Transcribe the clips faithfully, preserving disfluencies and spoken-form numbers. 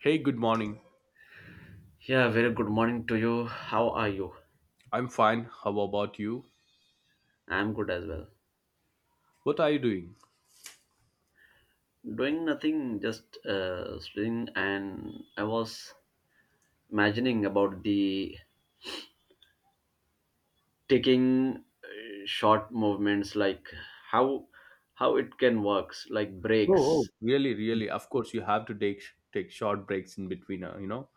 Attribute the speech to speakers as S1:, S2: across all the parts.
S1: Hey, good morning.
S2: Yeah, very good morning to you. How are you?
S1: I'm fine. How about you?
S2: I'm good as well.
S1: What are you doing?
S2: Doing nothing, just uh, sitting, and I was imagining about the taking uh, short movements, like how how it can works, like
S1: Oh,
S2: breaks.
S1: oh, really, really. Of course, you have to take take short breaks in between, uh, you know.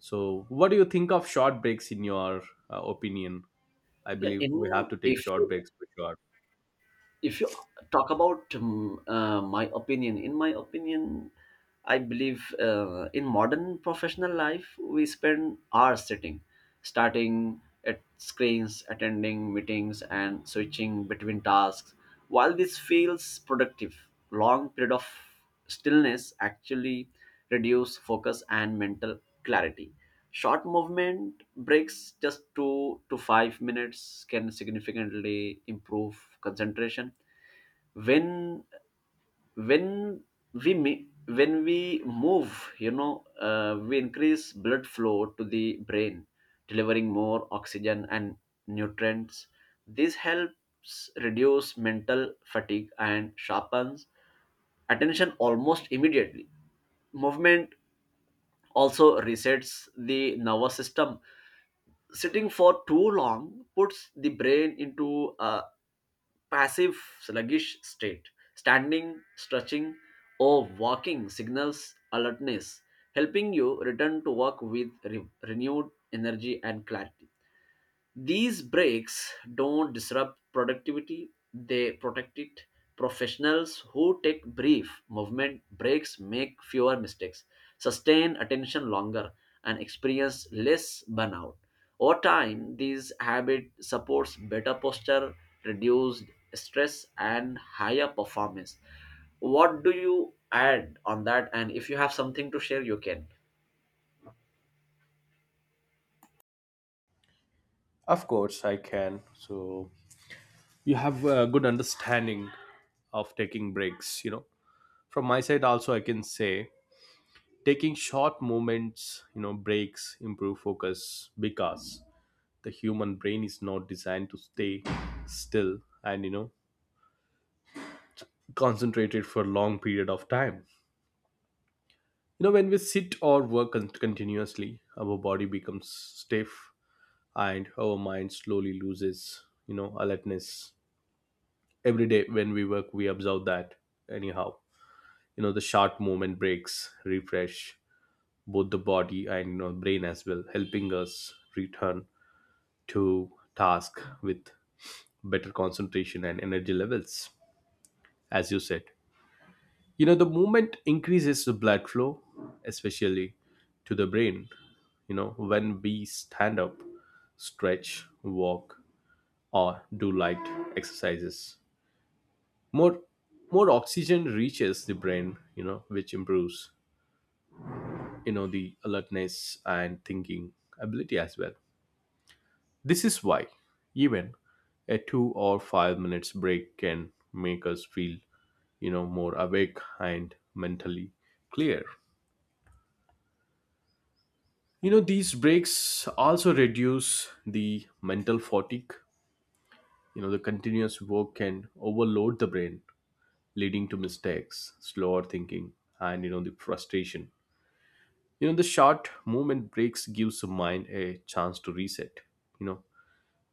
S1: So, what do you think of short breaks in your uh, opinion? I
S2: Yeah,
S1: believe we have
S2: in
S1: to take
S2: if
S1: short
S2: you
S1: breaks for sure.
S2: if you talk about um, uh, my opinion in my opinion, I believe uh, in modern professional life, we spend hours sitting, starting at screens, attending meetings, and switching between tasks. While this feels productive, long period of stillness actually reduce focus and mental clarity. Short movement breaks, just two to five minutes, can significantly improve concentration. When when we mi- when we move, you know uh, we increase blood flow to the brain, delivering more oxygen and nutrients. This helps reduce mental fatigue and sharpens attention almost immediately. Movement also resets the nervous system. Sitting for too long puts the brain into a passive, sluggish state. Standing, stretching, or walking signals alertness, helping you return to work with re- renewed energy and clarity. These breaks don't disrupt productivity, they protect it. Professionals who take brief movement breaks make fewer mistakes, sustain attention longer, and experience less burnout. Over time, this habit supports better posture, reduced stress, and higher performance. What do you add on that? And if you have something to share, you can.
S1: Of course, I can. So, you have a good understanding of taking breaks, you know. From my side also I can say taking short moments, you know, breaks improve focus because the human brain is not designed to stay still and you know concentrated for a long period of time. You know when we sit or work con- continuously our body becomes stiff and our mind slowly loses you know alertness. Every day when we work we observe that anyhow, you know the short movement breaks refresh both the body and you know brain as well, helping us return to task with better concentration and energy levels, as you said. You know, the movement increases the blood flow, especially to the brain. You know, when we stand up, stretch, walk, or do light exercises, more more oxygen reaches the brain. You know, which improves you know the alertness and thinking ability as well. This is why even a two or five minutes break can make us feel, you know more awake and mentally clear. You know, these breaks also reduce the mental fatigue. You know, the continuous work can overload the brain, leading to mistakes, slower thinking, and you know, the frustration. You know, the short movement breaks gives the mind a chance to reset. You know,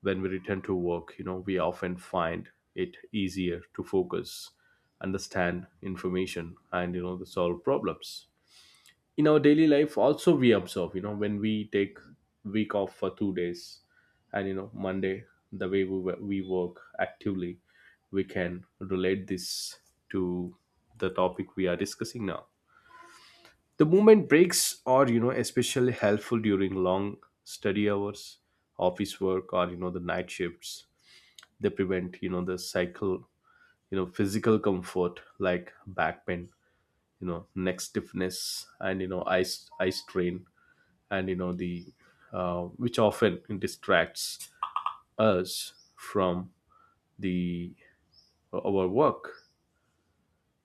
S1: when we return to work, you know, we often find it easier to focus, understand information, and you know, the solve problems. In our daily life also we observe, you know when we take week off for two days and you know monday, the way we, wo- we work actively, we can relate this to the topic we are discussing now. The movement breaks are you know especially helpful during long study hours, office work, or you know the night shifts. They prevent you know the cycle, you know physical comfort like back pain, you know neck stiffness, and you know eye eye strain, and you know the uh, which often distracts us from the uh, our work.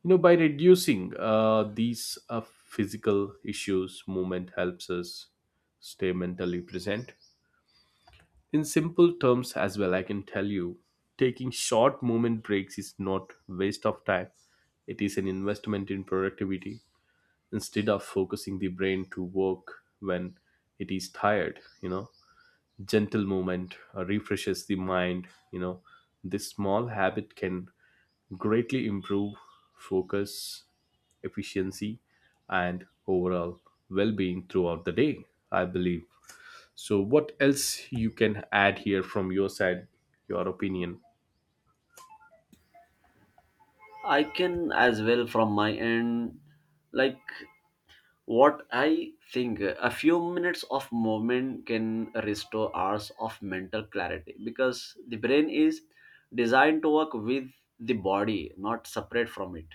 S1: You know by reducing uh, these uh, physical issues, movement helps us stay mentally present. In simple terms as well, I can tell you taking short movement breaks is not waste of time, it is an investment in productivity. Instead of focusing the brain to work when it is tired, you know gentle movement uh, refreshes the mind. You know this small habit can greatly improve focus, efficiency, and overall well-being throughout the day, I believe. So what else you can add here from your side, your opinion?
S2: I can as well from my end. Like, what I think, a few minutes of movement can restore hours of mental clarity because the brain is designed to work with the body, not separate from it.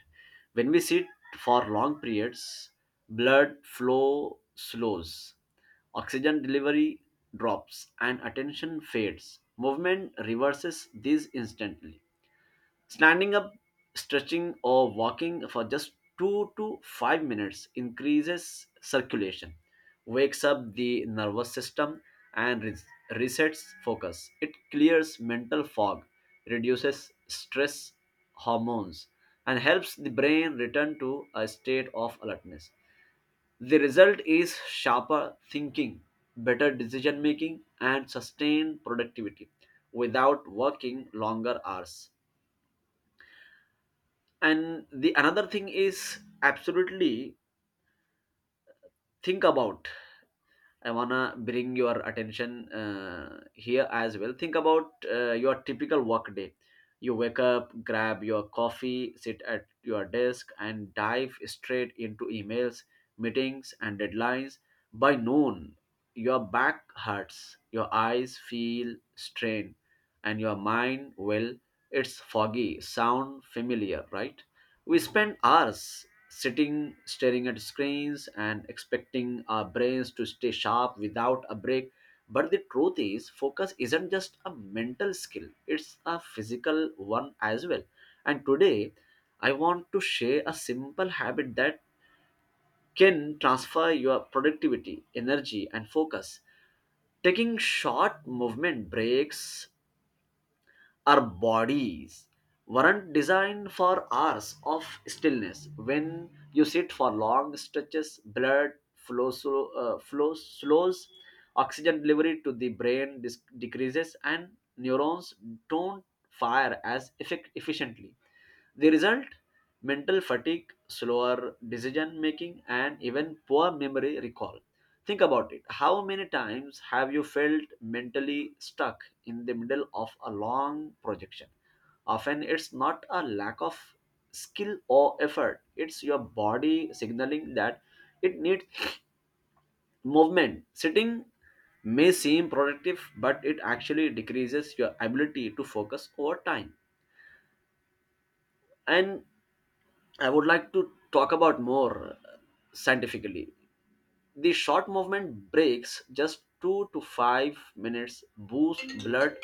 S2: When we sit for long periods, blood flow slows, oxygen delivery drops, and attention fades. Movement reverses this instantly. Standing up, stretching, or walking for just two to five minutes increases circulation, wakes up the nervous system, and res- resets focus. It clears mental fog, reduces stress hormones, and helps the brain return to a state of alertness. The result is sharper thinking, better decision making, and sustained productivity without working longer hours. And the another thing is absolutely think about. I wanna bring your attention uh, here as well. Think about uh, your typical work day. You wake up, grab your coffee, sit at your desk, and dive straight into emails, meetings, and deadlines. By noon, your back hurts, your eyes feel strained, and your mind, well, it's foggy. Sound familiar, right? We spend hours sitting staring at screens and expecting our brains to stay sharp without a break, but the truth is focus isn't just a mental skill, it's a physical one as well. And today I want to share a simple habit that can transfer your productivity, energy, and focus: taking short movement breaks. Our bodies weren't designed for hours of stillness. When you sit for long stretches, blood flow, slow, uh, flow slows, oxygen delivery to the brain dis- decreases, and neurons don't fire as effect- efficiently. The result? Mental fatigue, slower decision making, and even poor memory recall. Think about it. How many times have you felt mentally stuck in the middle of a long projection? Often it's not a lack of skill or effort, it's your body signaling that it needs movement. Sitting may seem productive, but it actually decreases your ability to focus over time. And I would like to talk about more uh, scientifically. The short movement breaks, just two to five minutes, boost blood.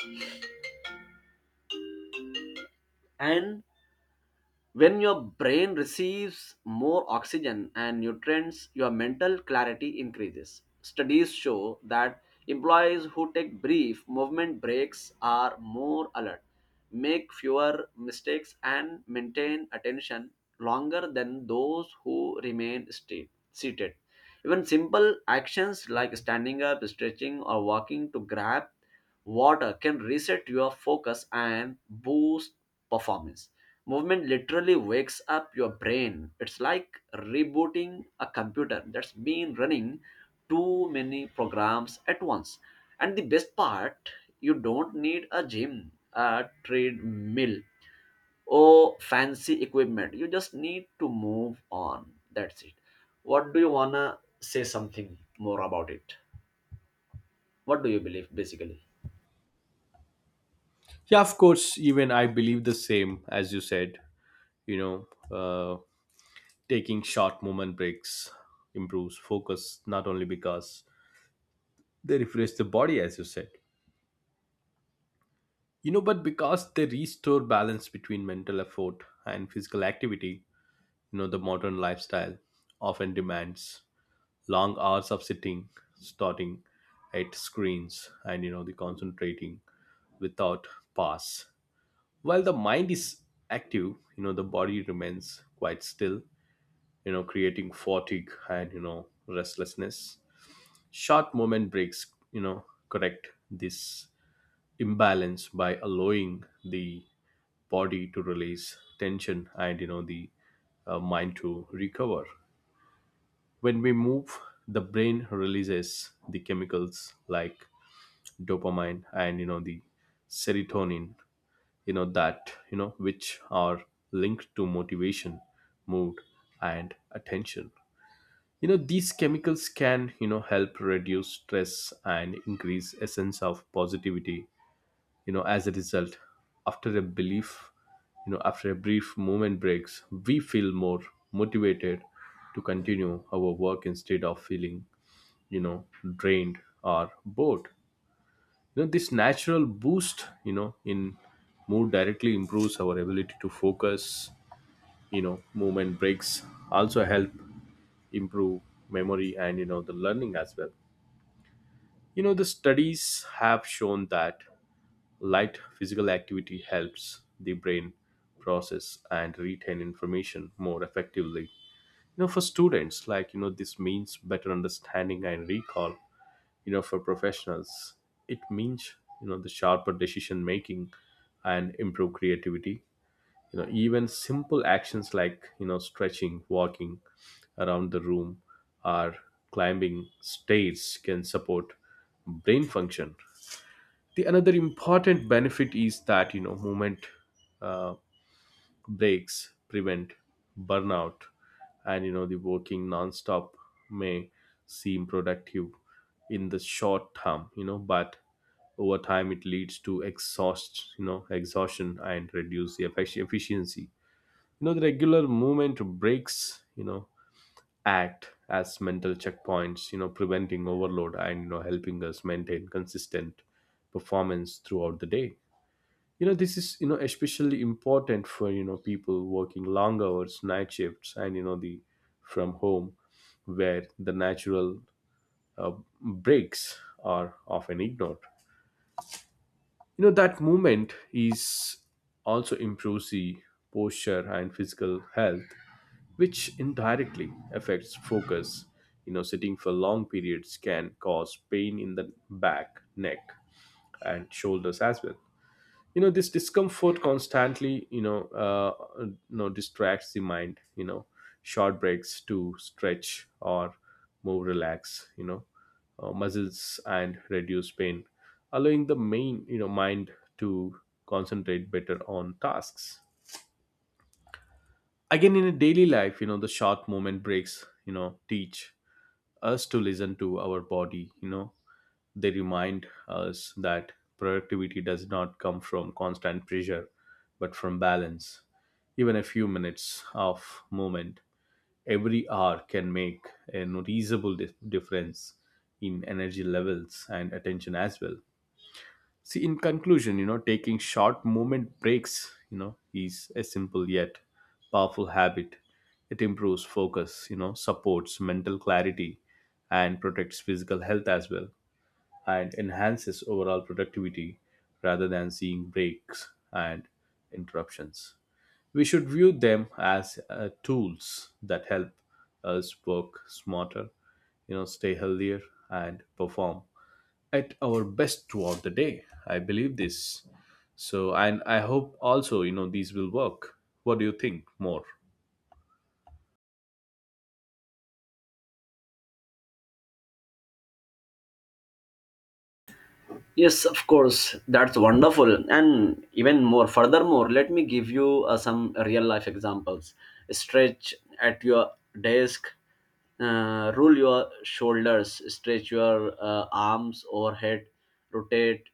S2: And when your brain receives more oxygen and nutrients, your mental clarity increases. Studies show that employees who take brief movement breaks are more alert, make fewer mistakes, and maintain attention longer than those who remain sta- seated. Even simple actions like standing up, stretching, or walking to grab water can reset your focus and boost performance. Movement literally wakes up your brain. It's like rebooting a computer that's been running too many programs at once. And the best part, you don't need a gym, a treadmill, or fancy equipment. You just need to move on. That's it. What do you wanna say something more about it? What do you believe basically?
S1: Yeah, of course, even I believe the same as you said. you know uh, Taking short movement breaks improves focus not only because they refresh the body, as you said, you know but because they restore balance between mental effort and physical activity. You know the modern lifestyle often demands long hours of sitting, starting at screens and you know the concentrating without pause. While the mind is active, you know the body remains quite still, you know creating fatigue and you know restlessness. Short moment breaks, you know correct this imbalance by allowing the body to release tension and you know the uh, mind to recover. When we move, the brain releases the chemicals like dopamine and you know the serotonin, you know that you know which are linked to motivation, mood, and attention. You know, these chemicals can, you know help reduce stress and increase a sense of positivity. You know, as a result, after a belief you know after a brief moment breaks we feel more motivated to continue our work instead of feeling, you know drained or bored. You know, this natural boost, you know in mood directly improves our ability to focus. You know, movement breaks also help improve memory and, you know the learning as well. You know, the studies have shown that light physical activity helps the brain process and retain information more effectively. You know, for students, like, you know, this means better understanding and recall. You know, for professionals, it means, you know, the sharper decision making and improve creativity. You know, even simple actions like, you know, stretching, walking around the room, or climbing stairs can support brain function. The another important benefit is that, you know movement uh, breaks prevent burnout, and you know the working non-stop may seem productive in the short term, you know but over time it leads to exhaust you know exhaustion and reduce the effic- efficiency. You know, the regular movement breaks, you know act as mental checkpoints, you know preventing overload and, you know helping us maintain consistent performance throughout the day. You know, this is, you know especially important for, you know people working long hours, night shifts, and you know the from home, where the natural uh, breaks are often ignored. You know, that movement is also improves the posture and physical health, which indirectly affects focus. You know, sitting for long periods can cause pain in the back, neck, and shoulders as well. You know, this discomfort constantly, you know uh, you know distracts the mind. You know, short breaks to stretch or move, relax, you know uh, muscles and reduce pain, allowing the main you know mind to concentrate better on tasks. Again, in a daily life, you know the short moment breaks, you know teach us to listen to our body. You know, they remind us that productivity does not come from constant pressure, but from balance. Even a few minutes of movement every hour can make a noticeable dif- difference in energy levels and attention as well. See, in conclusion, you know, taking short moment breaks, you know, is a simple yet powerful habit. It improves focus, you know, supports mental clarity and protects physical health as well, and enhances overall productivity. Rather than seeing breaks and interruptions, we should view them as uh, tools that help us work smarter, you know, stay healthier, and perform at our best throughout the day. I believe this. So, and I hope also, you know, these will work. What do you think more?
S2: Yes, of course. That's wonderful. And even more, furthermore, let me give you uh, some real life examples. Stretch at your desk, uh, roll your shoulders, stretch your uh, arms overhead, rotate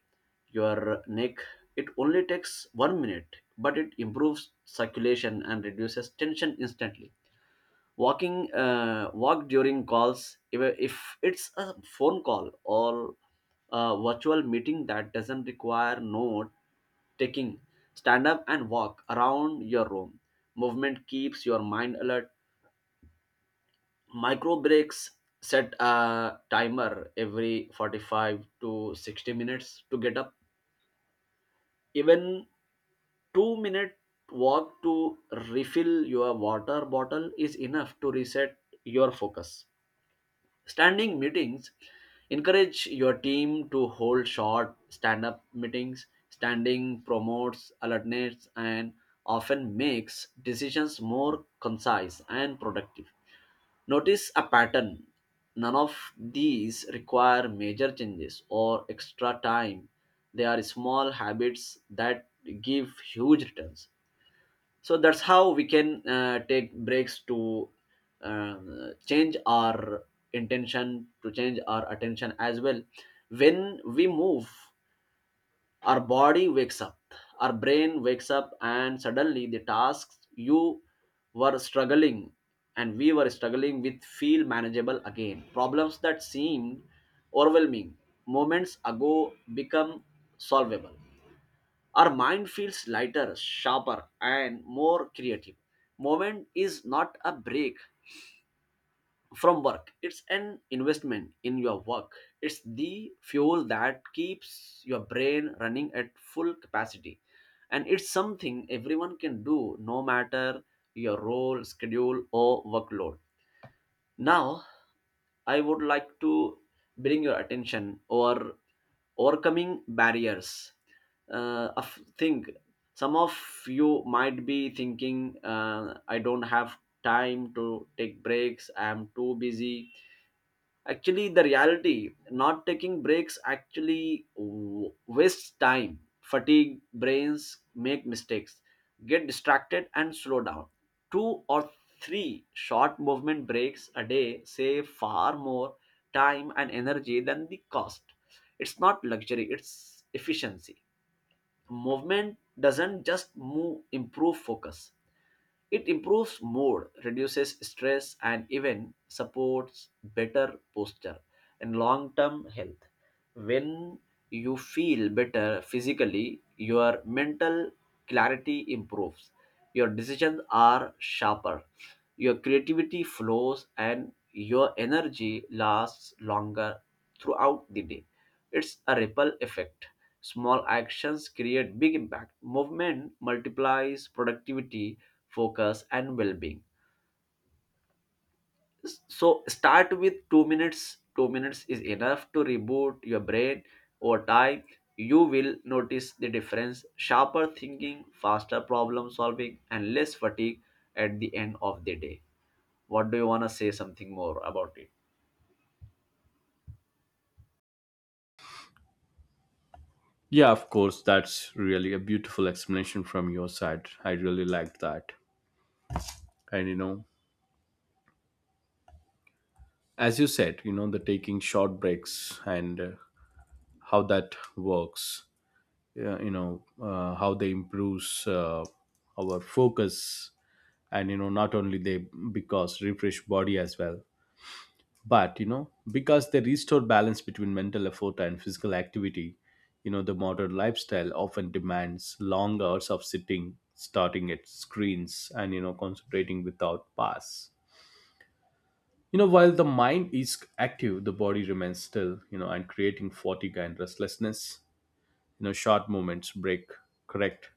S2: your neck. It only takes one minute, but it improves circulation and reduces tension instantly. Walking uh, walk during calls. If if it's a phone call or a virtual meeting that doesn't require note taking, stand up and walk around your room. Movement keeps your mind alert. Micro breaks: set a timer every forty-five to sixty minutes to get up. Even two minute walk to refill your water bottle is enough to reset your focus. Standing meetings: encourage your team to hold short stand up meetings. Standing promotes alertness and often makes decisions more concise and productive. Notice a pattern. None of these require major changes or extra time. They are small habits that give huge returns. So that's how we can uh, take breaks to uh, change our intention, to change our attention as well. When we move, our body wakes up, our brain wakes up, and suddenly the tasks you were struggling and we were struggling with feel manageable again. Problems that seemed overwhelming moments ago become solvable. Our mind feels lighter, sharper, and more creative. Moment is not a break from work, it's an investment in your work. It's the fuel that keeps your brain running at full capacity. And it's something everyone can do no matter your role, schedule, or workload. Now, I would like to bring your attention or overcoming barriers. Uh, a f- thing Some of you might be thinking, uh, I don't have time to take breaks. I am too busy. Actually, the reality, not taking breaks actually w- wastes time. Fatigue, brains make mistakes, get distracted, and slow down. Two or three short movement breaks a day save far more time and energy than the cost. It's not luxury, it's efficiency. Movement doesn't just move, improve focus, it improves mood, reduces stress, and even supports better posture and long term health. When you feel better physically, your mental clarity improves, your decisions are sharper, your creativity flows, and your energy lasts longer throughout the day. It's a ripple effect. Small actions create big impact. Movement multiplies productivity, focus, and well-being. So start with two minutes. Two minutes is enough to reboot your brain. Over time you will notice the difference: sharper thinking, faster problem solving, and less fatigue at the end of the day. What do you want to say something more about it?
S1: Yeah, of course, that's really a beautiful explanation from your side. I really liked that. And, you know, as you said, you know, the taking short breaks and uh, how that works, uh, you know, uh, how they improves uh, our focus and, you know, not only they because refresh body as well, but you know because they restore balance between mental effort and physical activity. You know the modern lifestyle often demands long hours of sitting, starting at screens and you know concentrating without pause. You know, while the mind is active, the body remains still, you know and creating fatigue and restlessness. You know, short movements break correct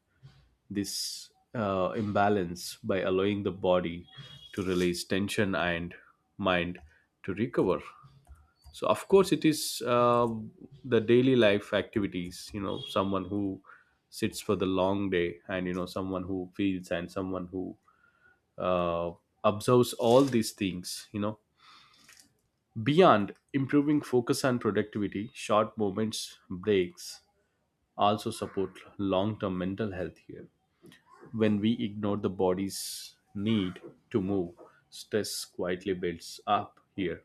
S1: this uh, imbalance by allowing the body to release tension and mind to recover. So of course it is, uh, the daily life activities, you know someone who sits for the long day and, you know someone who feels and someone who uh, observes all these things. You know, beyond improving focus and productivity, short moments breaks also support long term mental health here. When we ignore the body's need to move, stress quietly builds up here.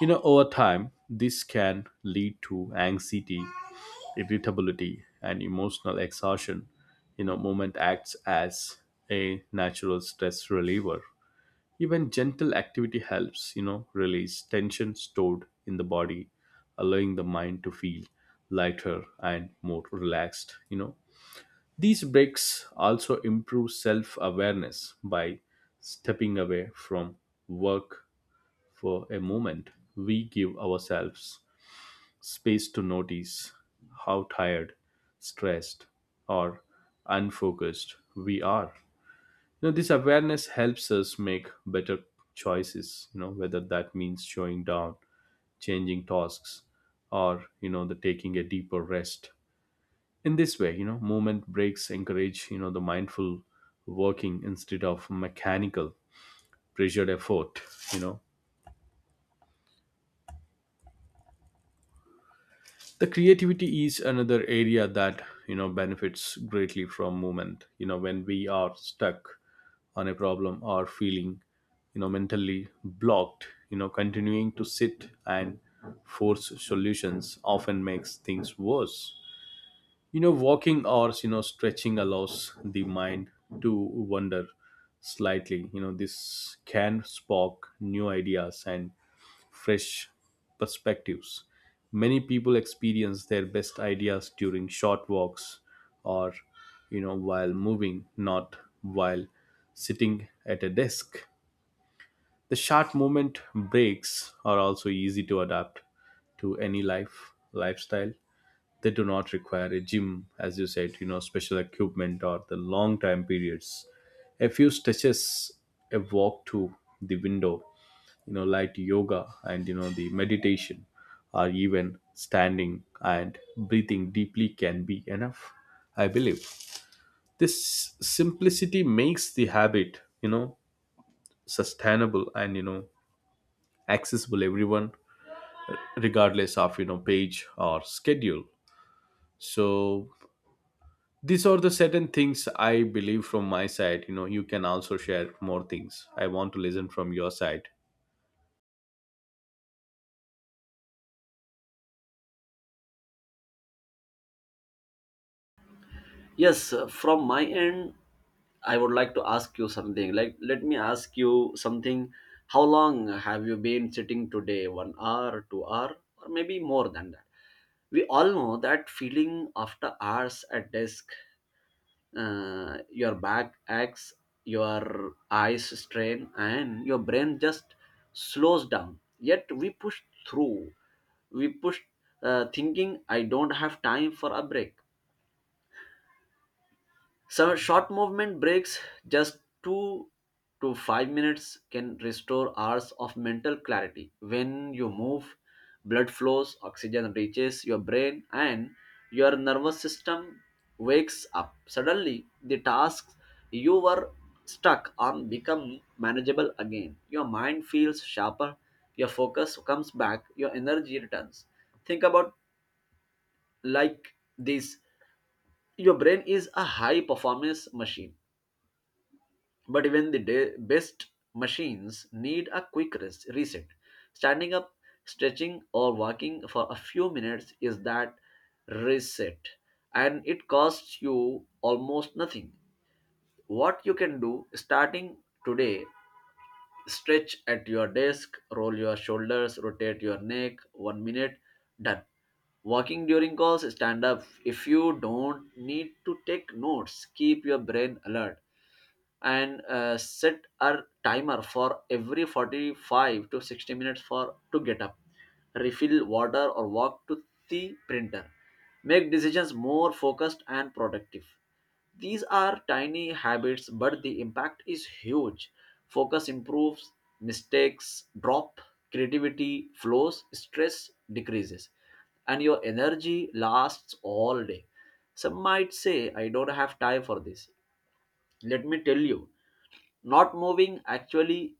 S1: You know, over time, this can lead to anxiety, irritability, and emotional exhaustion. You know, movement acts as a natural stress reliever. Even gentle activity helps, you know, release tension stored in the body, allowing the mind to feel lighter and more relaxed, you know. These breaks also improve self awareness. By stepping away from work for a moment, we give ourselves space to notice how tired, stressed, or unfocused we are. You know, this awareness helps us make better choices, you know, whether that means showing down, changing tasks, or, you know, the taking a deeper rest. In this way, you know, movement breaks encourage, you know, the mindful working instead of mechanical pressured effort. You know the creativity is another area that, you know benefits greatly from movement. You know, when we are stuck on a problem or feeling, you know mentally blocked, you know continuing to sit and force solutions often makes things worse. You know, walking hours, you know Stretching allows the mind to wander slightly. You know this can spark new ideas and fresh perspectives. Many people experience their best ideas during short walks, or, you know while moving, not while sitting at a desk. The short movement breaks are also easy to adapt to any life lifestyle. They do not require a gym, as you said, you know special equipment, or the long time periods. A few stretches, a walk to the window, you know light yoga, and, you know the meditation, or even standing and breathing deeply can be enough. I believe this simplicity makes the habit, you know sustainable and, you know accessible everyone, regardless of, you know page or schedule. so These are the certain things I believe from my side. You know, you can also share more things. I want to listen from your side.
S2: Yes, uh, from my end, I would like to ask you something. Like, let me ask you something. How long have you been sitting today? One hour, two hour, or maybe more than that? We all know that feeling after hours at desk. Uh, your back aches, your eyes strain, and your brain just slows down. Yet we push through we push uh, thinking I don't have time for a break. Some short movement breaks, just two to five minutes, can restore hours of mental clarity. When you move, blood flows, oxygen reaches your brain, and your nervous system wakes up. Suddenly, the tasks you were stuck on become manageable again. Your mind feels sharper, your focus comes back, your energy returns. Think about like this: your brain is a high performance machine. But even the de- best machines need a quick rest- reset. Standing up, stretching, or walking for a few minutes is that reset, and it costs you almost nothing. What you can do starting today: stretch at your desk, roll your shoulders, rotate your neck, one minute, done. Walking during calls, stand up. If you don't need to take notes, keep your brain alert. And uh, set a timer for every forty-five to sixty minutes for to get up, refill water or walk to the printer, make decisions more focused and productive. These are tiny habits but the impact is huge. Focus improves, mistakes drop, creativity flows, stress decreases, and your energy lasts all day. Some might say I don't have time for this. Let me tell you, not moving actually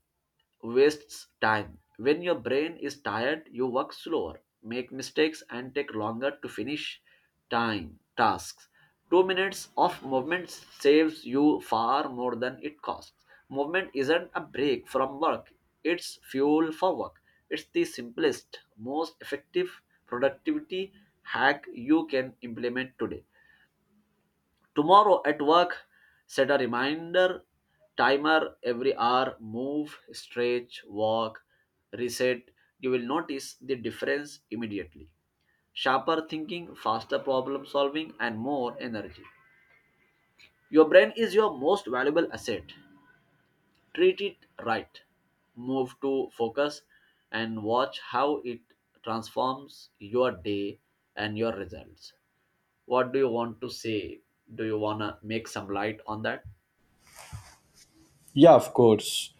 S2: wastes time. When your brain is tired, you work slower, make mistakes, and take longer to finish time tasks. Two minutes of movement saves you far more than it costs. Movement isn't a break from work, it's fuel for work. It's the simplest, most effective productivity hack you can implement today. Tomorrow at work, set a reminder timer every hour, move, stretch, walk, reset. You will notice the difference immediately. Sharper thinking, faster problem solving, and more energy. Your brain is your most valuable asset. Treat it right. Move to focus and watch how it transforms your day and your results. What do you want to say? Do you want to make some light on that?
S1: Yeah, of course.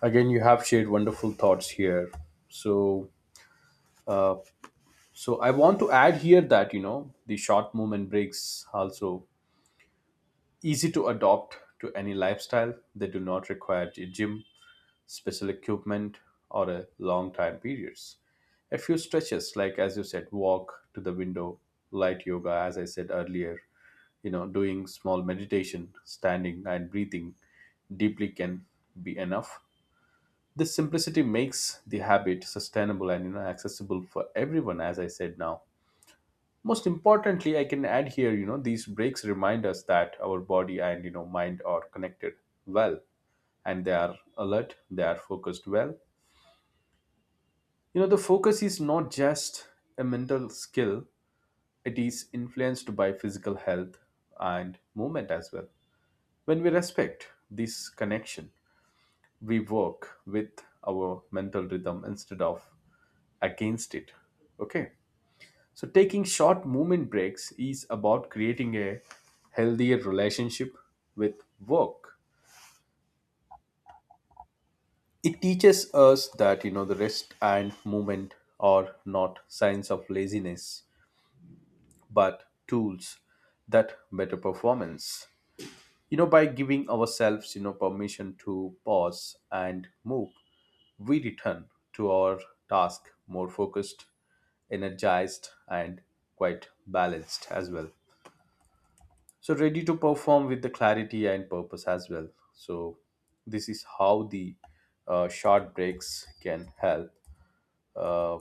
S1: Again, you have shared wonderful thoughts here. So, uh, so I want to add here that, you know the short movement breaks also easy to adopt to any lifestyle. They do not require a gym, special equipment, or a long time periods. A few stretches, like as you said, walk to the window, light yoga, as I said earlier, you know doing small meditation, standing and breathing deeply can be enough. This simplicity makes the habit sustainable and, you know accessible for everyone, as I said now. Most importantly, I can add here, you know these breaks remind us that our body and, you know mind are connected well, and they are alert, they are focused well. You know the focus is not just a mental skill. It is influenced by physical health and movement as well. When we respect this connection, we work with our mental rhythm instead of against it. Okay. So, taking short movement breaks is about creating a healthier relationship with work. It teaches us that, you know, the rest and movement are not signs of laziness, but tools that better performance. You know, by giving ourselves, you know, permission to pause and move, we return to our task more focused, energized, and quite balanced as well. So, ready to perform with the clarity and purpose as well. So, this is how the uh, short breaks can help, uh,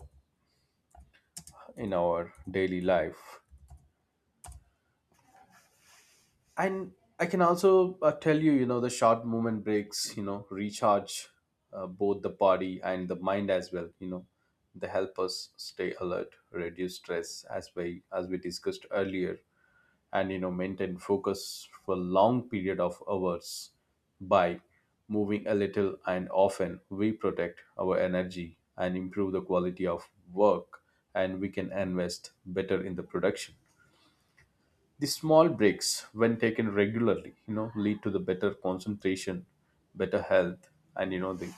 S1: in our daily life. And I can also, uh, tell you, you know the short movement breaks, you know recharge uh, both the body and the mind as well. You know they help us stay alert, reduce stress, as we as we discussed earlier, and, you know maintain focus for long period of hours. By moving a little and often, we protect our energy and improve the quality of work, and we can invest better in the production. The small breaks, when taken regularly, you know lead to the better concentration, better health, and, you know the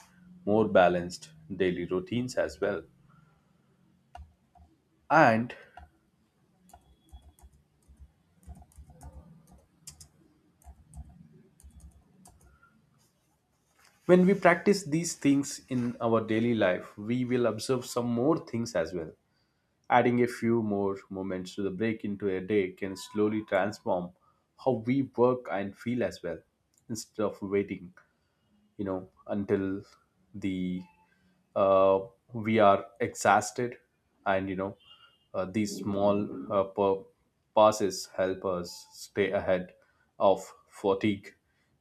S1: more balanced daily routines as well. And when we practice these things in our daily life, we will observe some more things as well. Adding a few more moments to the break into a day can slowly transform how we work and feel as well. Instead of waiting, you know until the uh, we are exhausted, and, you know uh, these small, uh, pa- passes help us stay ahead of fatigue.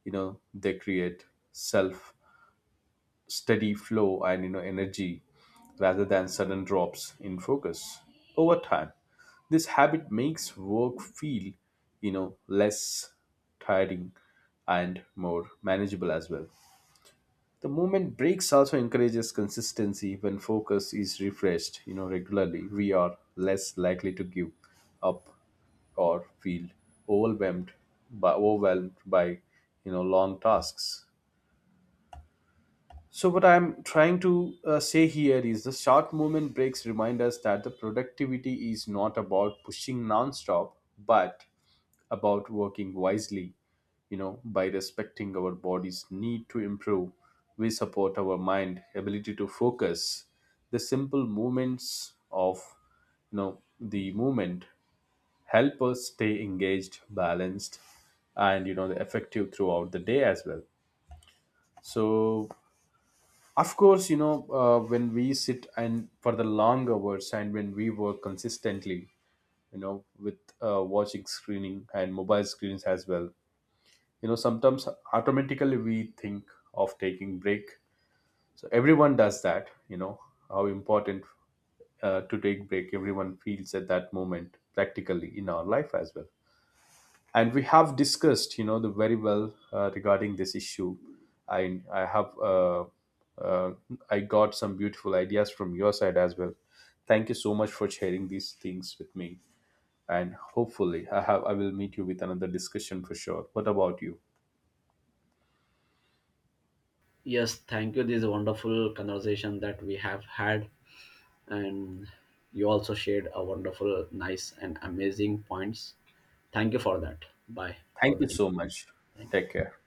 S1: you know They create self steady flow and, you know energy, rather than sudden drops in focus. Over time, this habit makes work feel, you know less tiring and more manageable as well. The movement breaks also encourages consistency. When focus is refreshed, you know, regularly, we are less likely to give up or feel overwhelmed by overwhelmed by, you know long tasks. So what I'm trying to, uh, say here is the short movement breaks remind us that the productivity is not about pushing non-stop, but about working wisely. You know, by respecting our body's need to improve, we support our mind ability to focus. The simple movements of, you know the movement, help us stay engaged, balanced, and, you know effective throughout the day as well. So, of course, you know, uh, when we sit and for the long hours and when we work consistently, you know, with uh, watching screening and mobile screens as well. You know sometimes automatically we think of taking break. So everyone does that, you know, how important, uh, to take break everyone feels at that moment practically in our life as well. And we have discussed, you know, the very well, uh, regarding this issue. I i have, uh, uh, I got some beautiful ideas from your side as well. Thank you so much for sharing these things with me. And hopefully, i have I will meet you with another discussion for sure. What about you?
S2: Yes, thank you. This is a wonderful conversation that we have had, and you also shared a wonderful, nice, and amazing points. Thank you for that. Bye for
S1: Thank you
S2: the.
S1: so much.
S2: Thank
S1: Take
S2: you.
S1: care.